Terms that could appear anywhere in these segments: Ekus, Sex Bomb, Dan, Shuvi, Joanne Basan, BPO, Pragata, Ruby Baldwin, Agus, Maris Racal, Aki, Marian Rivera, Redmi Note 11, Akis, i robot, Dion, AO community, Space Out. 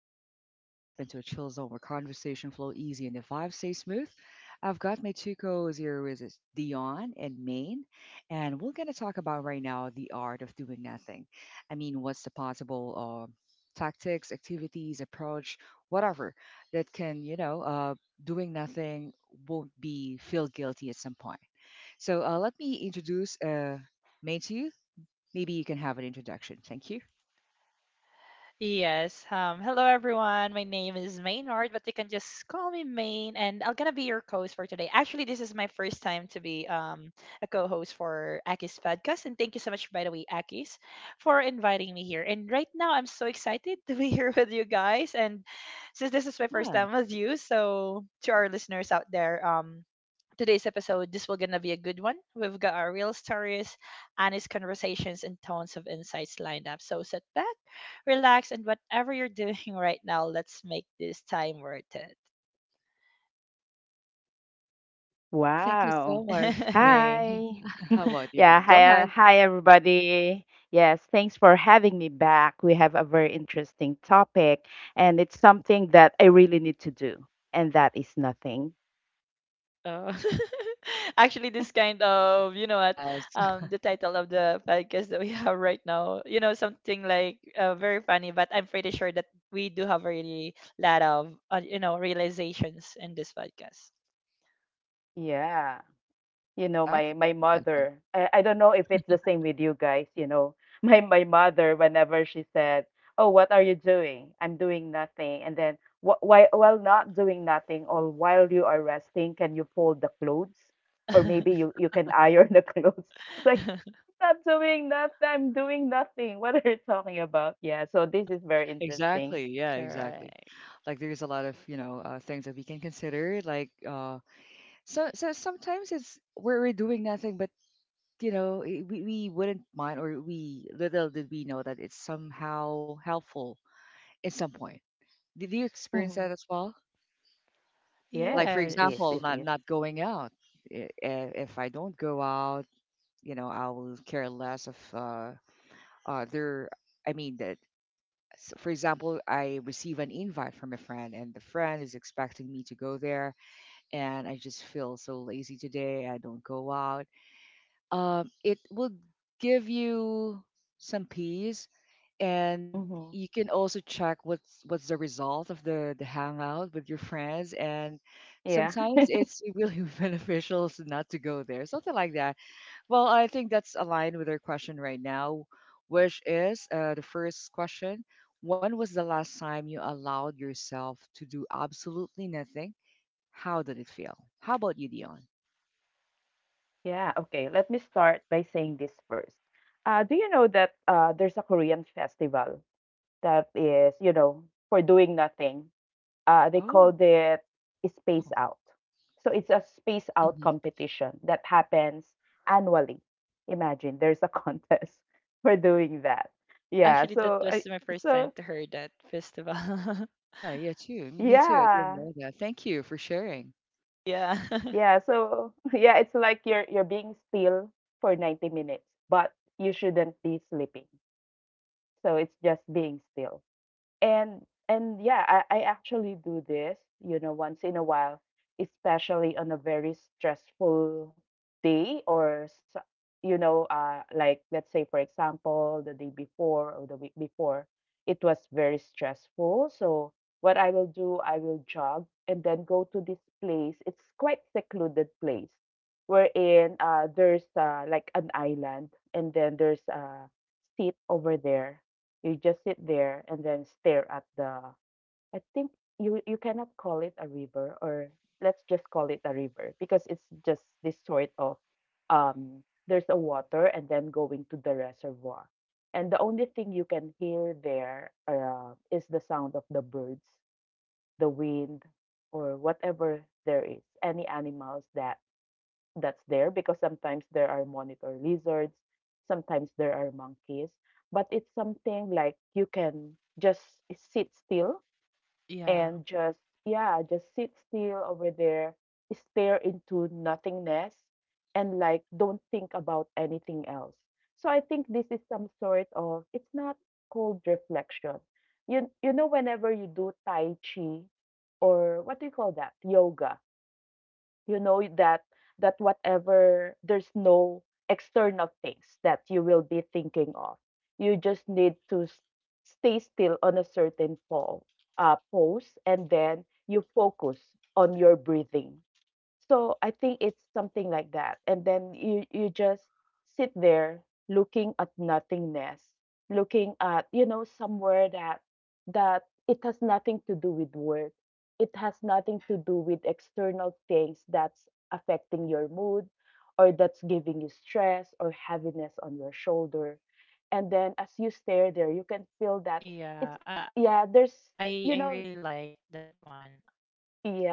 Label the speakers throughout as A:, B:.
A: Akis. You've stepped into a chill zone where conversation flow easy and the vibe stay smooth. I've got my two co-hosts here with us, Dion and Maine, and we're gonna talk about right now the art of doing nothing. I mean, what's the possible tactics, activities, approach, whatever that can, doing nothing won't be feel guilty at some point. So let me introduce Maine to you. Maybe you can have an introduction. Thank you.
B: Yes. Hello, everyone. My name is Maynard, but you can just call me Main, and I'm gonna be your co-host for today. Actually, this is my first time to be a co-host for Aki's podcast, and thank you so much, by the way, Aki's, for inviting me here. And right now, I'm so excited to be here with you guys. And since this is my first
A: Yeah.
B: time with you, so to our listeners out there, today's episode, this will gonna be a good one. We've got our real stories, honest conversations, and tons of insights lined up. So sit back, relax, and whatever you're doing right now, let's make this time worth it.
A: Hey, thank you
C: Wow.
A: so much, Maine.
C: Hi.
A: How about you?
C: Yeah,
A: Go ahead.
C: hi everybody. Yes, thanks for having me back. We have a very interesting topic, and it's something that I really need to do, and that is nothing.
B: Oh. Actually, this kind of, you know what,
A: Yes,
B: the title of the podcast that we have right now, something like very funny, but I'm pretty sure that we do have a really lot of, realizations in this podcast.
C: Yeah. You know, my
A: exactly.
C: my
A: Exactly.
C: mother, I don't know if it's the same with you guys, you know, my mother, whenever she said, oh, what are you doing? I'm doing nothing. And then why while not doing nothing or while you are resting, can you fold the clothes or maybe you can iron the clothes? It's like, I'm not doing nothing, I'm doing nothing, what are you talking about? Yeah, so this is very interesting.
A: Exactly. Yeah, exactly.
B: Correct.
A: Like there's a lot of, you know, things that we can consider. Like sometimes it's we're doing nothing, but you know, we wouldn't mind, or we little did we know that it's somehow helpful at some point. Did you experience that
C: Hmm.
A: as well? Like
C: Yes,
A: for
C: it is,
A: example,
B: Yes.
C: it is.
A: not going out. If I don't go out, you know, I will care less of other. i mean that for example, I receive an invite from a friend, and the friend is expecting me to go there, and I just feel so lazy today. I don't go out. It will give you some peace, and you
C: Mm-hmm.
A: can also check what's the result of the hangout with your friends. And sometimes it's really beneficial to not to go there, something like that. Well, I think that's aligned with our question right now, which is the first question. When was the last time you allowed yourself to do absolutely nothing? How did it feel? How about you, Dion?
C: Yeah, okay. Let me start by saying this first. Do you know that there's a Korean festival that is, you know, for doing nothing? They
B: Oh,
C: called it Space
A: Oh,
C: Out. So it's a space out
A: hmm,
C: competition that happens annually. Imagine there's a contest for doing that. Yeah.
B: actually, that was my first time
C: So
B: to hear that festival.
A: yeah, yeah, too. Me, too. I didn't
C: yeah,
A: know that. Thank you for sharing.
B: Yeah.
C: yeah. So yeah, it's like you're being still for 90 minutes, but you shouldn't be sleeping. So it's just being still. And and yeah, I actually do this, you know, once in a while, especially on a very stressful day or you know, like let's say, for example, the day before or the week before, it was very stressful. So what I will do, I will jog and then go to this place. It's quite secluded place wherein there's like an island, and then there's a seat over there. You just sit there and then stare at the, I think, you cannot call it a river, or let's just call it a river, because it's just this sort of, um there's a water and then going to the reservoir. And the only thing you can hear there is the sound of the birds, the wind, or whatever there is, any animals that that's there, because sometimes there are monitor lizards, sometimes there are monkeys, but it's something like you can just sit still
B: Yeah.
C: and just, yeah, just sit still over there, stare into nothingness, and like don't think about anything else. So I think this is some sort of, it's not cold reflection. You know, whenever you do Tai Chi, or what do you call that? Yoga. You know that, that whatever, there's no external things that you will be thinking of. You just need to stay still on a certain pose, and then you focus on your breathing. So I think it's something like that. And then you just sit there, looking at nothingness, looking at, you know, somewhere that, that it has nothing to do with work. It has nothing to do with external things that's affecting your mood or that's giving you stress or heaviness on your shoulder. And then as you stare there, you can feel that it's,
B: Yeah. Uh,
C: yeah, there's, you
B: I
C: know,
B: I really like that one.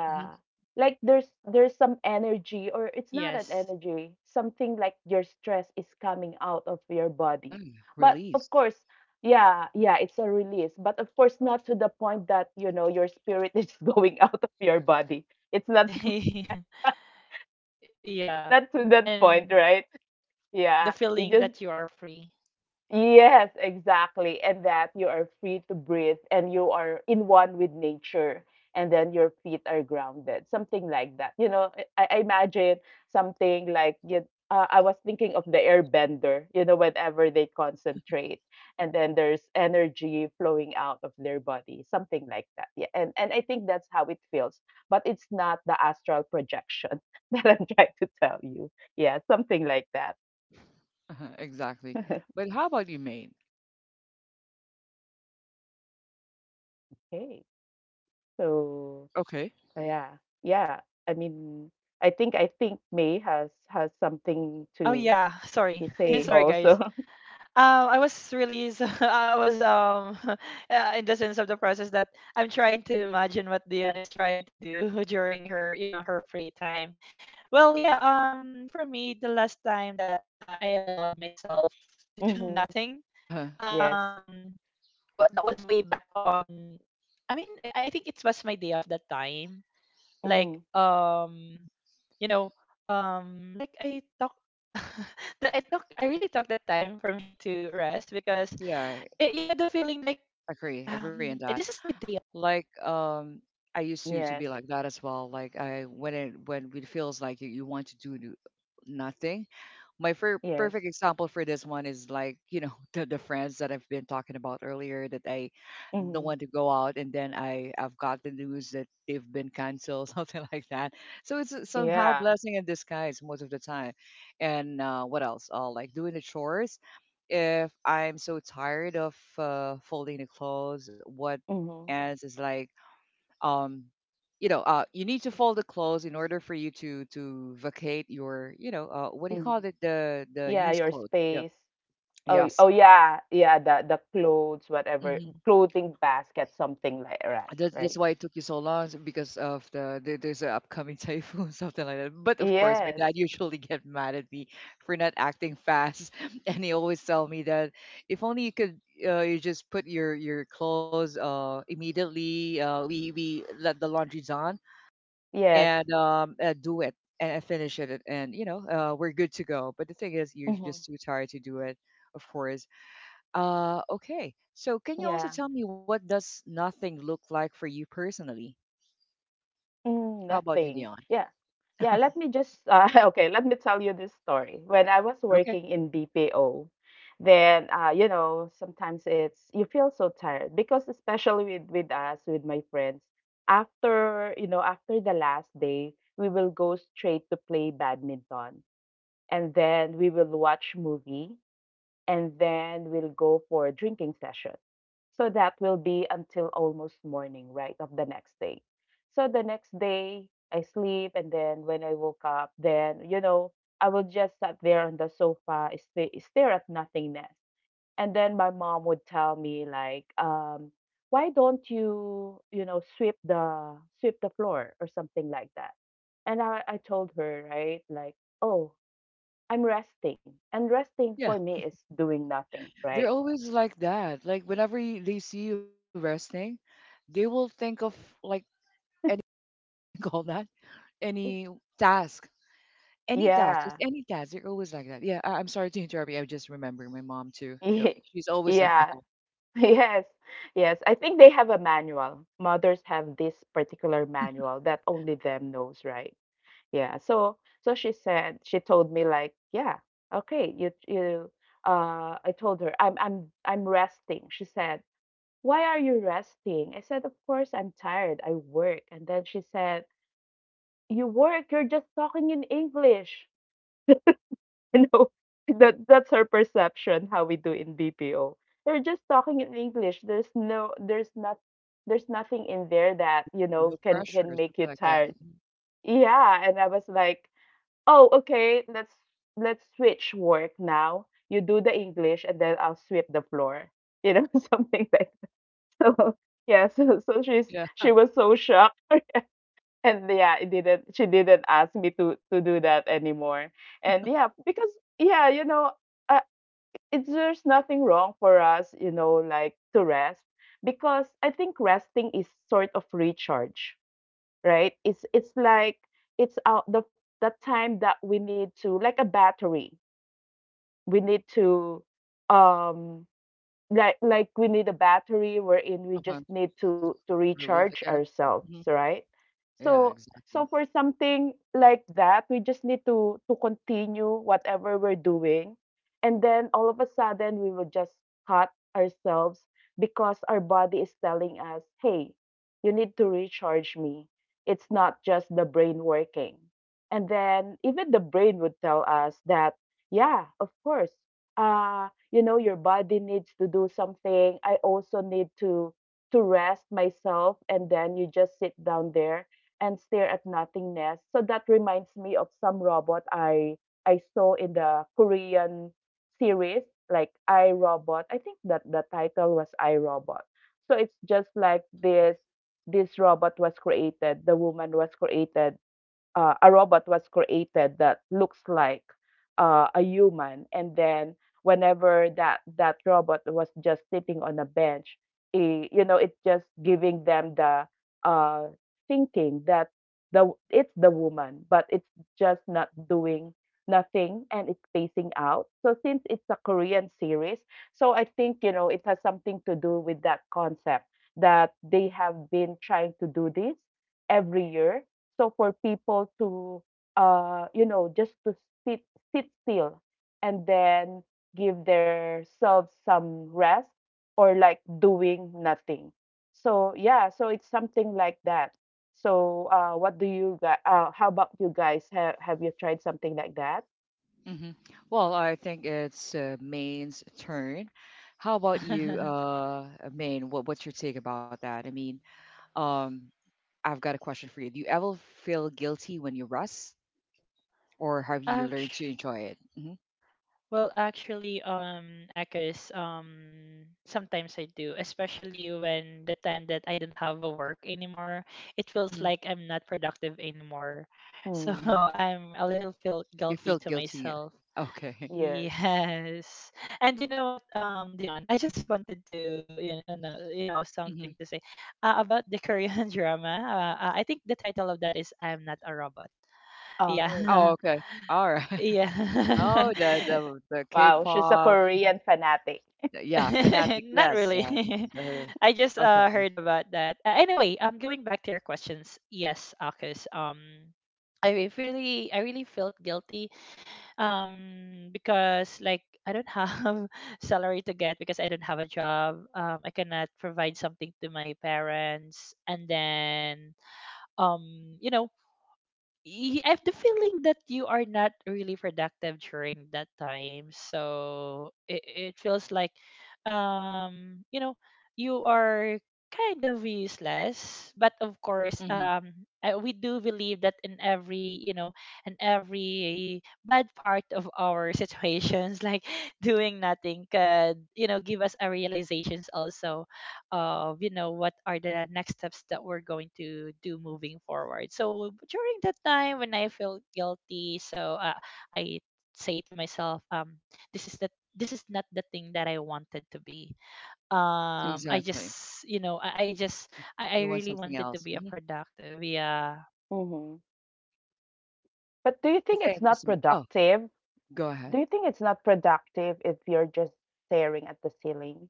A: Hmm.
C: Like there's some energy, or it's not an
B: Yes.
C: energy, something like your stress is coming out of your
A: Yeah,
C: body. But of
A: release.
C: course, yeah, yeah, it's a release, but of course not to the point that, you know, your spirit is going out of your body. It's not so-
B: Yeah.
C: not to that point,
B: And
C: right? Yeah.
B: the
C: You
B: feeling
C: just,
B: that you are free.
C: yes, exactly. And that you are free to breathe and you are in one with nature, and then your feet are grounded, something like that. You know, I imagine
A: Mhm.
C: something like you, I was thinking of the airbender, you know, whenever they concentrate and then there's energy flowing out of their body, something like that. Yeah. And I think that's how it feels, but it's not the astral projection that I'm trying to tell you. Yeah, something like that.
A: Uh-huh, exactly. But how about you, mate?
C: Okay. So.
A: Okay.
C: Yeah, yeah. I mean, I think May has something
B: Oh yeah,
C: to
B: sorry,
C: say
A: Hmm.
B: sorry guys.
C: also.
B: I was really, so, I was In the sense of the process that I'm trying to imagine what Dion is trying to do during her free time. Well, yeah, for me the last time that I allowed myself to do
C: Hmm.
B: nothing,
A: Uh-huh.
C: Yes.
B: um that was way back on I mean, I think it was my day off that time. Like
C: Hmm.
B: you know, like I talk that I talk I really took that time for me to rest because
A: Yeah, I
B: you know the feeling like
A: agree. Agree on that.
B: this is my day.
A: Like um I used to be
C: Yes.
A: like that as well. Like I, when it feels like you want to do nothing. My
C: Yes.
A: perfect example for this one is like, you know, the friends that I've been talking about earlier, that I don't
C: Hmm.
A: want to go out, and then I I've got the news that they've been canceled, something like that. So it's somehow
C: Yeah.
A: blessing in disguise most of the time. And what else? Like doing the chores, if I'm so tired of folding the clothes, what,
C: Hmm.
A: and it's like, um, you know, uh, you need to fold the clothes in order for you to vacate your, you know, uh, what do you
C: Hmm.
A: call it, the
C: Yeah,
A: used
C: your
A: clothes, yeah,
C: space. Oh,
A: yes.
C: oh yeah, yeah, the clothes, whatever,
A: Hmm.
C: clothing basket, something like, right,
A: That's
C: right.
A: why it took you so long, is because of the, there's an upcoming typhoon something like that. But of course, my
C: Yes.
A: dad usually get mad at me for not acting fast, and he always tell me that if only you could, you just put your clothes immediately, uh, we let the laundry's on
C: Yes.
A: and do it and I finish it, and you know, we're good to go. But the thing is, you're
C: Hmm.
A: just too tired to do it, of course. Okay. So, can you also
C: Yeah.
A: tell me what does nothing look like for you personally?
C: Mm,
A: How about
C: nothing.
A: you, Leon?
C: Yeah. Yeah, let me just okay, let me tell you this story. When I was
A: Okay.
C: working in BPO, then you know, sometimes it's you feel so tired because especially with us, with my friends, after, you know, after the last day, we will go straight to play badminton, and then we will watch movie, and then we'll go for a drinking session. So that will be until almost morning, right, of the next day. So the next day, I sleep, and then when I woke up, then, you know, I would just sat there on the sofa, stare at nothingness. And then my mom would tell me, like, why don't you, you know, sweep the floor or something like that? And I told her, right, like, oh, I'm resting, and resting for
A: Yeah,
C: me is doing nothing,
A: they're
C: right?
A: always like that. Like whenever you, they see you resting, they will think of, like, any what do you call that?
C: It-
A: Any task. Any task,
C: Yeah.
A: just any task. They're always like that. Yeah, I, I'm sorry to interrupt you. I just remember my mom too. You know,
C: Ye-
A: she's always like
C: Yeah.
A: that.
C: Yes. Yes. I think they have a manual. Mothers have this particular manual that only them knows, right? Yeah. So so she said she told me like, yeah, okay, you I told her, I'm resting. She said, "Why are you resting?" I said, "Of course I'm tired. I work." And then she said, "You work, you're just talking in English." No, that that's her perception how we do in BPO. They're just talking in English. There's nothing in there that, you
A: And
C: know,
A: no
C: can
A: pressure
C: can
A: or
C: make
A: something
C: you
A: like that.
C: tired.
A: Mhm.
C: Yeah, and I was like, oh, okay, let's switch work now. You do the English, and then I'll sweep the floor. You know, something like, so. Yeah, so so she's
A: Yeah,
C: she
A: huh,
C: was so shocked, and yeah, it didn't she didn't ask me to do that anymore. And yeah, because yeah, you know, I, it's, there's nothing wrong for us, you know, like to rest, because I think resting is sort of recharge, right? It's like, it's out the time that we need to, like a battery. We need to um like we need a battery wherein we
A: uh-huh,
C: just need to
A: relief
C: recharge
A: again.
C: ourselves,
A: Mhm.
C: right?
A: Yeah,
C: So,
A: exactly.
C: so for something like that, we just need to continue whatever we're doing, and then all of a sudden we will just cut ourselves, because our body is telling us, hey, you need to recharge me. It's not just the brain working. And then even the brain would tell us that, yeah, of course, uh you know, your body needs to do something, I also need to rest myself. And then you just sit down there and stare at nothingness. So that reminds me of some robot I saw in the Korean series, like I, Robot. I think that the title was I, Robot. So it's just like this robot was created, the woman was created, a robot was created that looks like a human, and then whenever that robot was just sitting on a bench, eh, you know, it's just giving them the uh, thinking that the, it's the woman, but it's just not doing nothing, and it's facing out. So since it's a Korean series, so I think, you know, it has something to do with that concept that they have been trying to do this every year, so for people to, you know, just to sit sit still and then give themselves some rest or like doing nothing. So yeah, so it's something like that. So what do you guys? How about you guys? Have you tried something like that?
A: Hmm. Well, I think it's Main's turn. How about
B: Off.
A: you, Main? What, what's your take about that? Um, I've got a question for you. Do you ever feel guilty when you rest, or have you learned to
B: Ouch.
A: enjoy it? Hmm,
B: Well, actually, Akis, sometimes I do, especially when the time that I don't have a work anymore, it
A: hmm,
B: feels like I'm not productive anymore. So
C: Hmm.
A: hmm.
B: I'm a little feel
A: You feel
B: guilty to
A: guilty.
B: myself.
A: Okay.
C: Yes.
B: Yes. And you know what, Dion, I just wanted to, you know, you know, something
A: Hmm.
B: to say about the Korean drama. I think the title of that is "I'm Not a Robot."
C: Oh,
A: Oh,
B: Yeah,
A: okay. All right.
B: yeah.
A: Oh, the
C: wow. She's a
A: K-pop.
C: Korean fanatic.
A: Yeah, fanatic.
B: Not
A: Yes.
B: really.
A: Yeah. Uh,
B: I just
A: okay.
B: heard about that. Anyway, going back to your questions, yes, Akis. I really felt guilty. Because like I don't have salary to get because I don't have a job. I cannot provide something to my parents, and then um, you know, I have the feeling that you are not really productive during that time. So it feels like, um, you know, you are kind of useless. But of course,
A: Hmm.
B: we do believe that in every bad part of our situations, like doing nothing could, give us a realizations also of what are the next steps that we're going to do moving forward. So during that time when I feel guilty, I say to myself, this is the this is not the thing that I wanted to be.
C: Mm-hmm.
B: I
A: Exactly.
B: just
A: You
B: I
A: want
B: really
A: something
B: wanted to
A: else.
B: be a
A: Hmm.
B: productive. Yeah.
C: Mm-hmm. But do you think it's
A: Thank you
C: not
A: so much. Oh,
C: productive?
A: go
C: Do
A: ahead.
C: you think it's not productive if you're just staring at the ceiling?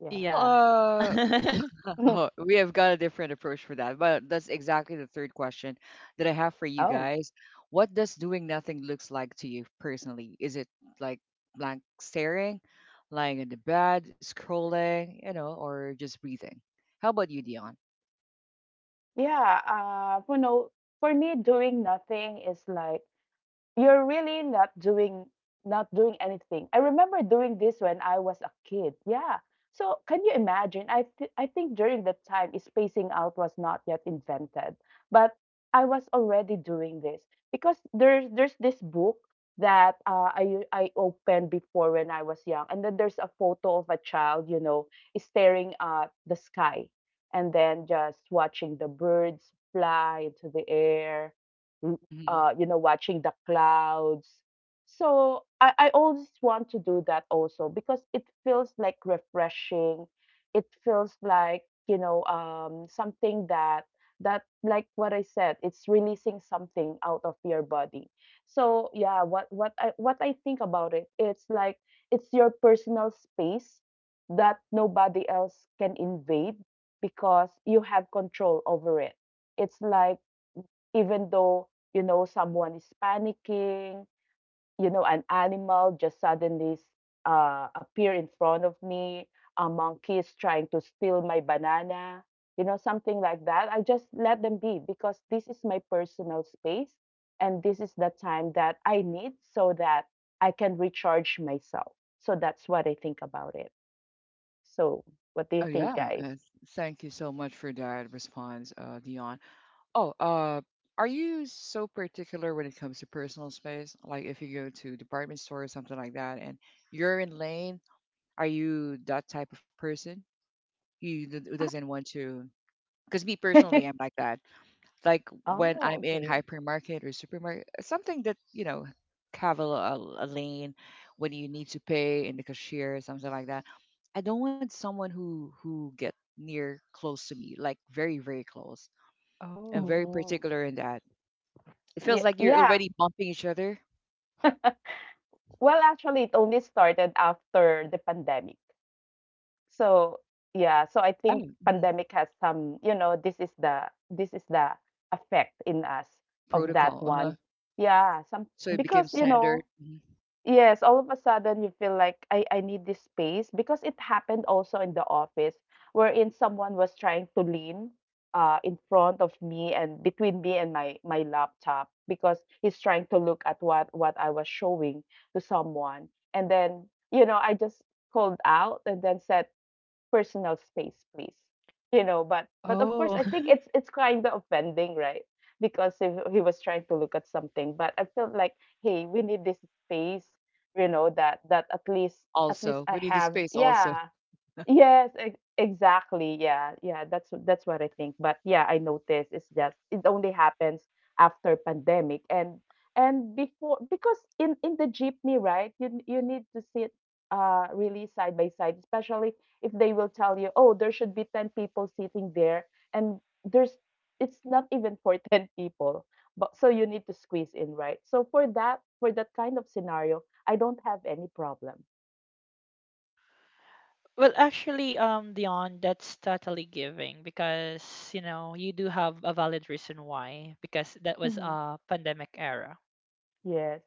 C: Yeah.
B: Yeah.
A: Well, oh, we have got a different approach for that, but that's exactly the third question that I have for you
C: Oh,
A: guys. What does doing nothing looks like to you personally? Is it like blank staring, lying in the bed, scrolling, you know, or just breathing? How about you, Dion?
C: yeah, you know, for me, doing nothing is like, you're really not doing, not doing anything. I remember doing this when I was a kid. Yeah. So can you imagine? I think during that time, is spacing out was not yet invented, but I was already doing this, because there's this book that I opened before when I was young, and then there's a photo of a child, you know, staring at the sky, and then just watching the birds fly into the air, you know, watching the clouds. So I always want to do that also, because it feels like refreshing. It feels like, you know, something that, that like what I said, it's releasing something out of your body. So yeah, what I think about it, it's like it's your personal space that nobody else can invade, because you have control over it. It's like even though you know someone is panicking, you know, an animal just suddenly appear in front of me, a monkey is trying to steal my banana, you know, something like that. I just let them be because this is my personal space, and this is the time that I need so that I can recharge myself. So that's what I think about it. So what do
A: Oh
C: you think,
A: yeah,
C: guys?
A: uh, thank you so much for that response, Dion. Oh, are you so particular when it comes to personal space? Like if you go to department store or something like that, and you're in lane, are you that type of person who who doesn't want to? Because me personally, I'm like that, like when
C: oh,
A: I'm in
C: okay.
A: hypermarket or supermarket, something that you know have a lane when you need to pay in the cashier, something like that. I don't want someone who get near close to me, like very very close. I'm
B: Oh,
A: very
C: Hmm.
A: particular in that. It feels
C: Yeah,
A: like you're
C: yeah.
A: already bumping each other.
C: Well, actually, it only started after the pandemic. So yeah, so I
A: Yeah,
C: think
A: mhm.
C: pandemic has some, you know, this is the effect in us
A: Uh,
C: of that
A: protocol. Uh huh.
C: one. Yeah, some.
A: So it became
C: Because you
A: standard.
C: know,
A: Mhm.
C: yes, all of a sudden you feel like I need this space because it happened also in the office, wherein someone was trying to lean in front of me and between me and my laptop because he's trying to look at what I was showing to someone, and then you know I just called out and then said, "Personal space, please." You know, but of course, I think
B: oh.
C: it's kind of offending, right? Because if he was trying to look at something, but I felt like, hey, we need this space, you know, that at least
A: Also,
C: I
A: we need the
C: have,
A: space. Also.
C: yeah. Yes, ex exactly, yeah, yeah, that's what I think. But yeah, I noticed it's just it only happens after pandemic. And before, because in the jeepney, right, you need to sit, really side by side, especially if they will tell you, "Oh, there should be 10 people sitting there," and there's it's not even for 10 people, but so you need to squeeze in, right? So for that kind of scenario, I don't have any problem.
B: Well, actually, Dion, that's totally giving because, you do have a valid reason why, because that was
C: Mhm.
B: a pandemic era.
C: Yes.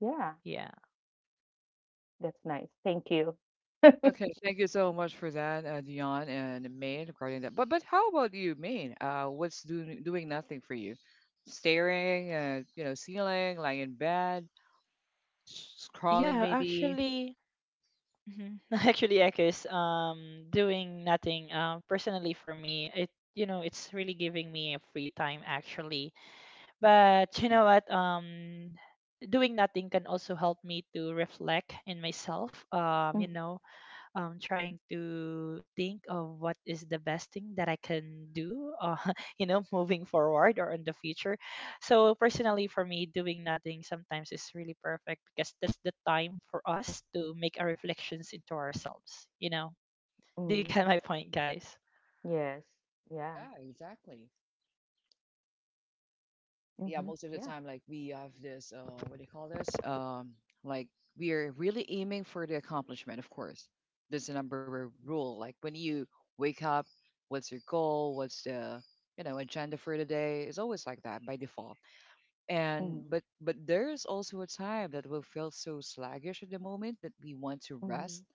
C: Yeah.
B: Yeah.
C: That's nice. Thank you.
A: Okay, thank you so much for that, Dion and Maine, regarding that. But how about you, Maine? What's doing doing nothing for you? Staring at, you know, ceiling, lying in bed, scrolling
B: Yeah,
A: maybe.
B: actually, mhm. actually, Ekus, doing nothing, personally for me, it's really giving me a free time actually. But you
A: Mhm.
B: know what? Doing nothing can also help me to reflect in myself.
C: Mhm.
B: Trying to think of what is the best thing that I can do, moving forward or in the future. So personally, for me, doing nothing sometimes is really perfect because that's the time for us to make our reflections into ourselves. You know, do you
C: Mm.
B: get my point, guys?
C: Yes. Yeah.
A: Yeah, exactly. Yeah,
C: Hmm.
A: most of the
C: Yeah.
A: time, like we have this, what do you call this? Like we're really aiming for the accomplishment, of course. There's a number of rule. Like when you wake up, what's your goal? What's the, you know, agenda for the day? It's always like that by default. And
C: Hmm.
A: but there is also a time that we'll feel so sluggish at the moment that we want to rest.
C: Hmm.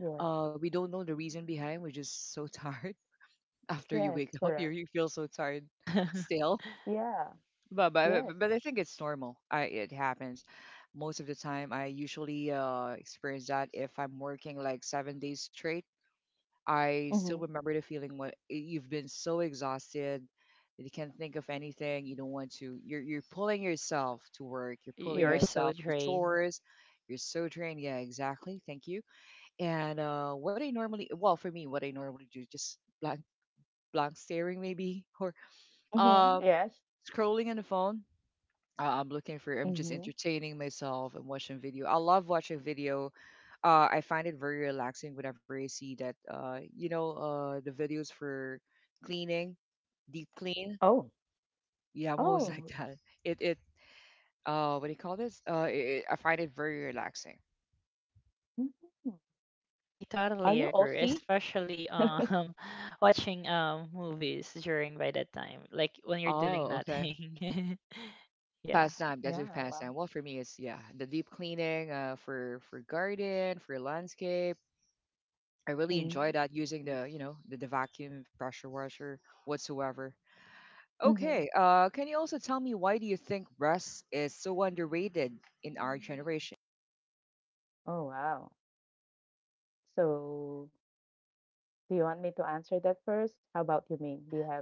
C: Yes.
A: We don't know the reason behind. We're just so tired. After you
C: Yes.
A: wake up, you
C: Correct.
A: you feel so tired still.
C: Yeah. Yes.
A: But I think it's normal. I it happens most of the time. I usually experience that if I'm working like 7 days straight. I still
C: Hmm.
A: remember the feeling when eh, you've been so exhausted that you can't think of anything. You don't want to. You're pulling yourself to work. You're pulling
B: You're
C: Yes.
B: so
A: yourself to
B: drained.
A: chores. You're so drained. Yeah, exactly. Thank you. And what I normally, well, for me, what I normally do, just blank, staring maybe, or
C: Hmm.
A: um,
C: Yes.
A: scrolling on the phone. I'm looking for. I'm just
C: Hmm.
A: entertaining myself and watching video. I love watching video. Uh, I find it very relaxing whenever I see that, you know, the videos for cleaning, deep clean.
C: Oh.
A: Yeah, I'm always like
C: Oh.
A: that. It, uh, what do you call this? It, I find it very relaxing.
C: Hmm.
B: I
C: Are
B: totally
C: you
B: agree,
C: OC?
B: especially watching movies during by that time, like when you're doing
A: Oh, okay.
B: nothing. Yeah.
A: Pastime, that's
C: Yeah.
A: just
C: Wow.
A: pastime. Well, for me, it's yeah, the deep cleaning, for garden, for landscape. I really enjoy
C: Mm.
A: that, using
C: I
A: the,
C: see.
A: you know, the vacuum pressure washer whatsoever. Okay,
C: Hmm.
A: can you also tell me why do you think rest is so underrated in our generation?
C: Oh, wow. So, do you want me to answer that first? How about you, Ming? Do you have,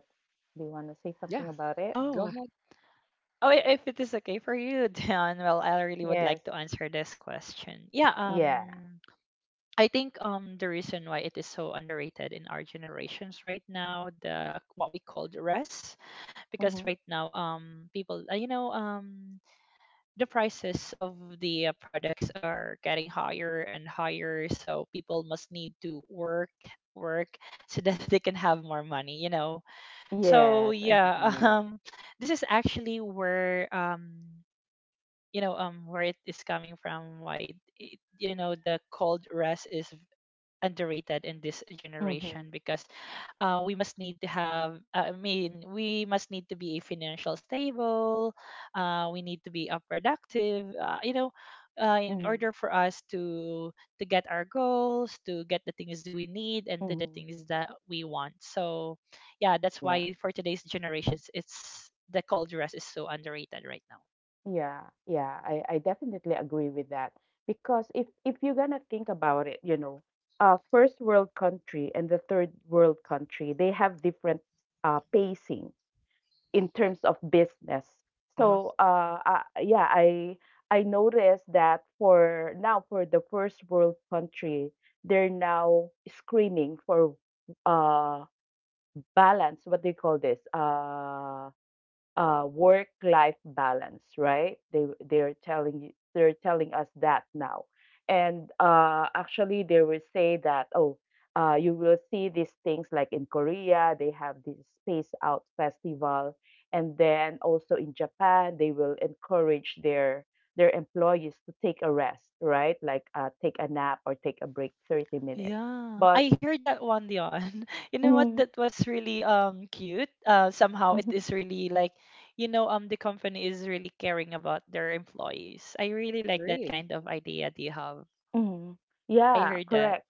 C: do you want to say something
A: Yeah,
C: about it?
A: go
B: Oh,
A: ahead.
B: oh, if it is okay for you, Dan, well, I really would
C: Yes.
B: like to answer this question. Yeah,
C: Yeah.
B: I think the reason why it is so underrated in our generations right now, the what we call the rest, because
C: Mm-hmm.
B: right now people, the prices of the products are getting higher and higher, so people must need to work so that they can have more money. So
C: Yes, I
B: yeah,
C: agree.
B: this is actually where you know where it is coming from, why it, you know the cold rest is underrated in this generation
C: Mhm,
B: because we must need to have I mean, we must need to be financial stable. We need to be productive in
C: mhm,
B: order for us to get our goals, to get the things that we need and to the
C: mhm.
B: things that we want. So yeah, that's
C: Yeah,
B: why for today's generations, it's the cold rest is so underrated right now.
C: yeah, yeah. I definitely agree with that, because if you're gonna think about it, you know, first world country and the third world country, they have different pacing in terms of business.
A: Uh-huh.
C: So, yeah, I noticed that for now for the first world country, they're now screaming for uh balance, what they call this, work life balance, right? they they're telling you, they're telling us that now. And actually they will say that, oh, you will see these things like in Korea. They have this space out festival. And then also in Japan, they will encourage their employees to take a rest, right? Like take a nap or take a break, 30 minutes.
B: Yeah,
C: But
B: I heard that one, Dion. You know what?
C: mm,
B: That was really cute. Somehow it
C: mhm,
B: is really like, the company is really caring about their employees. I really like that
A: Agree.
B: kind of idea they have.
C: mhm.
B: I
C: Yeah,
B: heard that.
C: correct.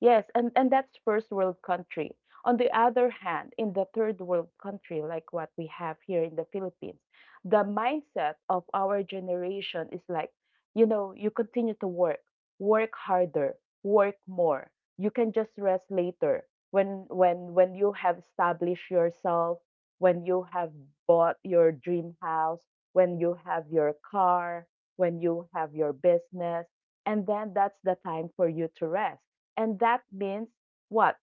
C: Yes, and that's first world country. On the other hand, in the third world country, like what we have here in the Philippines, the mindset of our generation is like, you know, you continue to work, work harder, work more. You can just rest later when when you have established yourself, when you have bought your dream house, when you have your car, when you have your business, and then that's the time for you to rest. And that means what?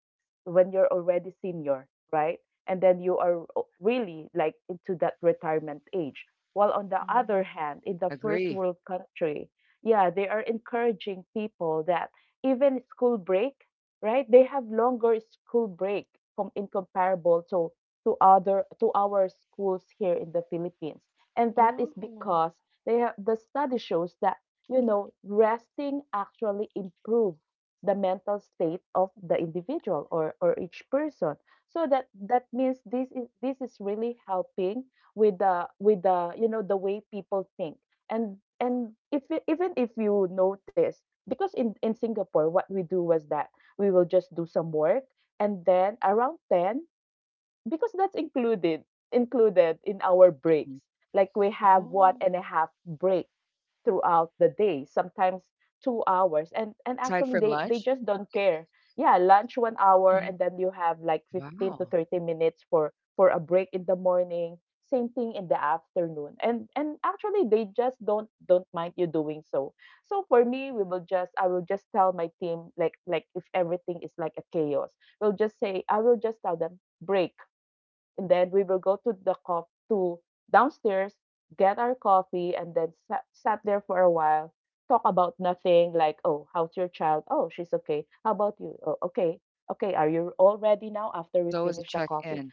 C: When you're already senior, right? And then you are really like into that retirement age. While on the
B: Oh,
C: other hand, in the first
A: Agree.
C: world country, yeah, they are encouraging people that even school break, right? They have longer school break in comparable to other to our schools here in the Philippines. And that is
B: oh,
C: because they have the study shows that, you know, resting actually improve the mental state of the individual, or each person, so that that means this is really helping with the you know the way people think. And if you- even if you notice, because in Singapore, what we do was that we will just do some work and then around 10, because that's included included in our breaks.
A: Mhm.
C: Like we have
B: oh,
C: one and a half break throughout the day, sometimes 2 hours. And
A: Aside
C: actually
A: from
C: they
A: lunch,
C: just don't care. Yeah, lunch 1 hour,
A: hmm.
C: and then you have like 15 to
A: Wow.
C: 30 minutes for a break in the morning. Same thing in the afternoon. And actually they just don't mind you doing so. So for me, we will just I will just tell my team like if everything is like a chaos, we'll just say I will just tell them, break. And then we will go to the co- to downstairs, get our coffee, and then sat, sat there for a while, talk about nothing like, oh, how's your child? Oh, she's okay. How about you? Oh, okay. Okay, are you all ready now after we
A: There's always a
C: finish the coffee?
A: check-in.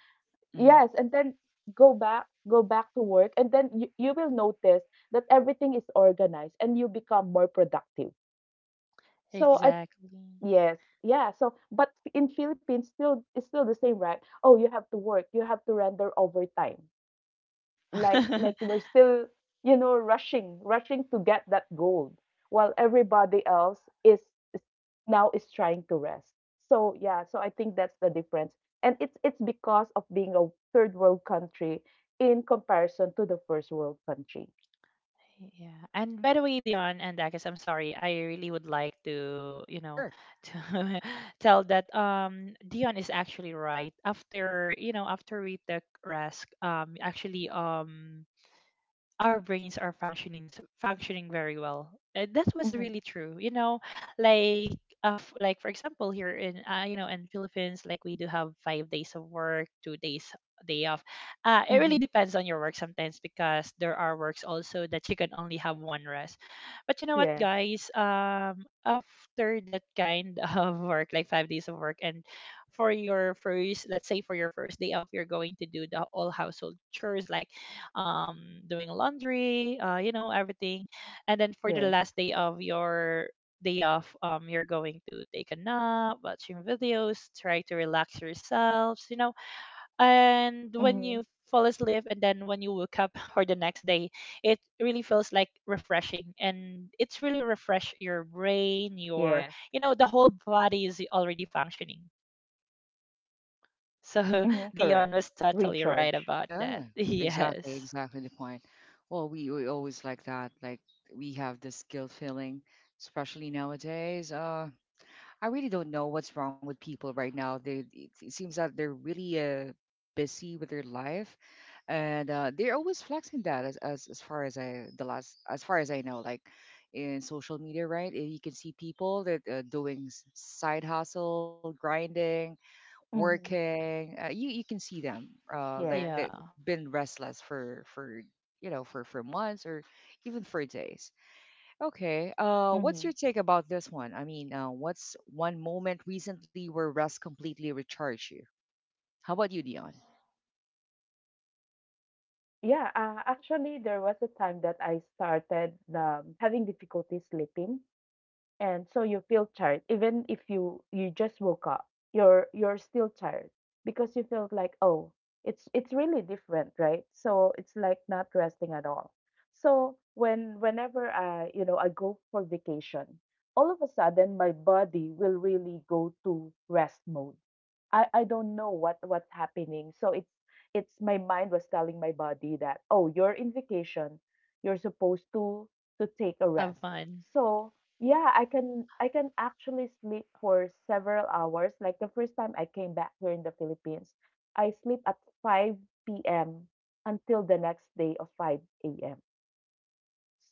A: Hmm.
C: Yes, and then go back to work, and then you will notice that everything is organized and you become more productive. So I,
B: exactly.
C: yes, yeah. So but in Philippines still it's still the same, right? Oh, you have to work, you have to render overtime, like we're still, you know, rushing rushing to get that gold, while everybody else is now is trying to rest. So yeah, so I think that's the difference, and it's because of being a third world country in comparison to the first world country.
B: Yeah. And by the way, Dion and Akis, I'm sorry. I really would like to,
A: Sure.
B: to tell that Dion is actually right. After we took risk, actually, our brains are functioning functioning very well. That was
C: Hmm.
B: really true. You know, like like for example, here in you know in Philippines, like we do have 5 days of work, 2 days day off. It really
C: Hmm.
B: depends on your work sometimes because there are works also that you can only have one rest. But you know what,
C: Yes.
B: guys? After that kind of work, like 5 days of work, and let's say for your first day off, you're going to do the all household chores like um, doing laundry, everything. And then for the
C: Yes.
B: last day of your day off, you're going to take a nap, watching videos, try to relax yourselves.
C: Hmm.
B: And when you fall asleep and then when you wake up for the next day, it really feels like refreshing and it's really refresh your
C: Yes.
B: brain, the whole body is already functioning.
C: Hmm. Correct.
B: So
C: Recharge.
B: Dion was totally right about
A: Yeah.
B: that.
A: Exactly.
B: Yes.
A: Exactly the point. Well, we always like that. Like we have this guilt feeling, especially nowadays. I really don't know what's wrong with people right now. They it, it seems that they're really busy with their life, and they're always flexing that as, as far as I the last as far as I know, like in social media, right? You can see people that doing side hustle, grinding,
C: Hmm.
A: working. You you can see them
C: Yes.
A: like they've
B: Yeah.
A: been restless for, you know, for months or even for days. Okay. What's your take about this one? I mean, what's one moment recently where rest completely recharged you? How about you, Dion?
C: Yeah, actually, there was a time that I started having difficulty sleeping, and so you feel tired even if you you just woke up. You're still tired because you felt like, oh, it's really different, right? So it's like not resting at all. So when whenever I, you know, I go for vacation, all of a sudden my body will really go to rest mode. I don't know what what's happening. So it's my mind was telling my body that, oh, you're in vacation, you're supposed to take a rest.
B: Have fun.
C: So yeah, I can actually sleep for several hours. Like the first time I came back here in the Philippines, I sleep at 5 p.m. until the next day of 5 a.m.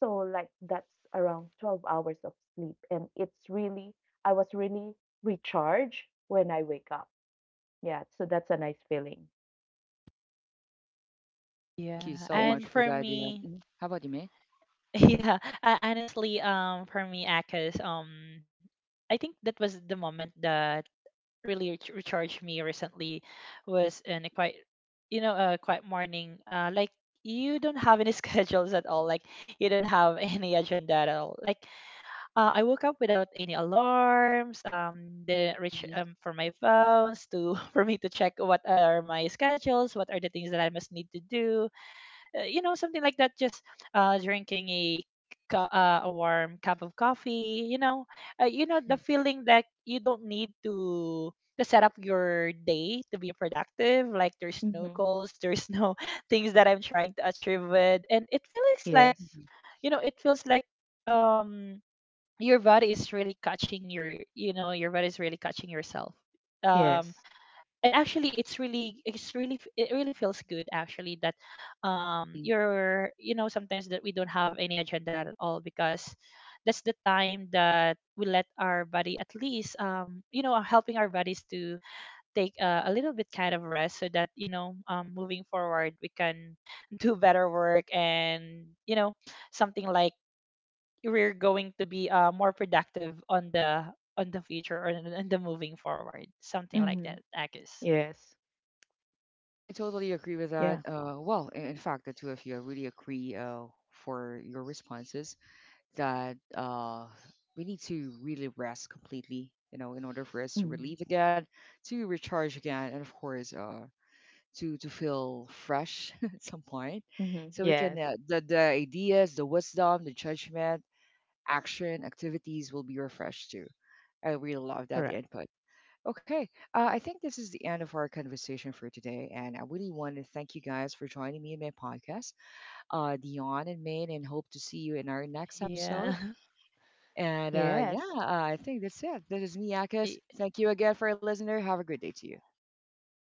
C: So like that's around 12 hours of sleep, and it's really I was really recharged when I wake up. Yeah, so that's a nice feeling.
A: Mm. Thank you
B: Yeah,
A: so much
C: Yes.
B: and
A: for
B: for
A: that, Dion.
B: me,
A: Mhm. How about you, May?
B: yeah, honestly, for me, Akis, I think that was the moment that really recharged me recently, was in a quiet morning. Like you don't have any schedules at all. Like you don't have any agenda at all. Like I woke up without any alarms. Didn't reach
A: Mhm,
B: for my phones to for me to check what are my schedules, what are the things that I must need to do something like that, just drinking a warm cup of coffee. You know the
A: mhm,
B: feeling that you don't need to set up your day to be productive, like there's no
C: Mm-hmm.
B: goals, there's no things that I'm trying to achieve with, and it feels like
A: mhm,
C: Yes.
B: you know it feels like um your body is really catching your you know your body is really catching yourself um
C: Yes.
B: and actually, it really feels good, actually, that
A: mhm.
B: you're you know sometimes that we don't have any agenda at all, because that's the time that we let our body at least helping our bodies to take a little bit kind of rest so that moving forward we can do better work, and you know something like we're going to be more productive on the future or in the moving forward, something like that,
C: Mm-hmm.
B: Agus.
C: Yes.
A: I totally agree with that.
C: Yeah.
A: Well, in fact, the two of you, I really agree for your responses, that we need to really rest completely, you know, in order for us to relieve
C: Mm-hmm.
A: again, to recharge again, and of course, to feel fresh at some point,
C: Mm-hmm.
A: so we can,
C: Yes.
A: the ideas, the wisdom, the judgment, action, activities will be refreshed too. I really love that
C: Correct.
A: input. Okay, I think this is the end of our conversation for today, and I really want to thank you guys for joining me in my podcast, Dion and Maine, and hope to see you in our next episode.
B: Yeah.
A: And yeah,
C: Yes.
A: I think that's it. This is me, Akis.
B: Y-
A: Thank you again for a listener. Have a great day to you.
B: Yes.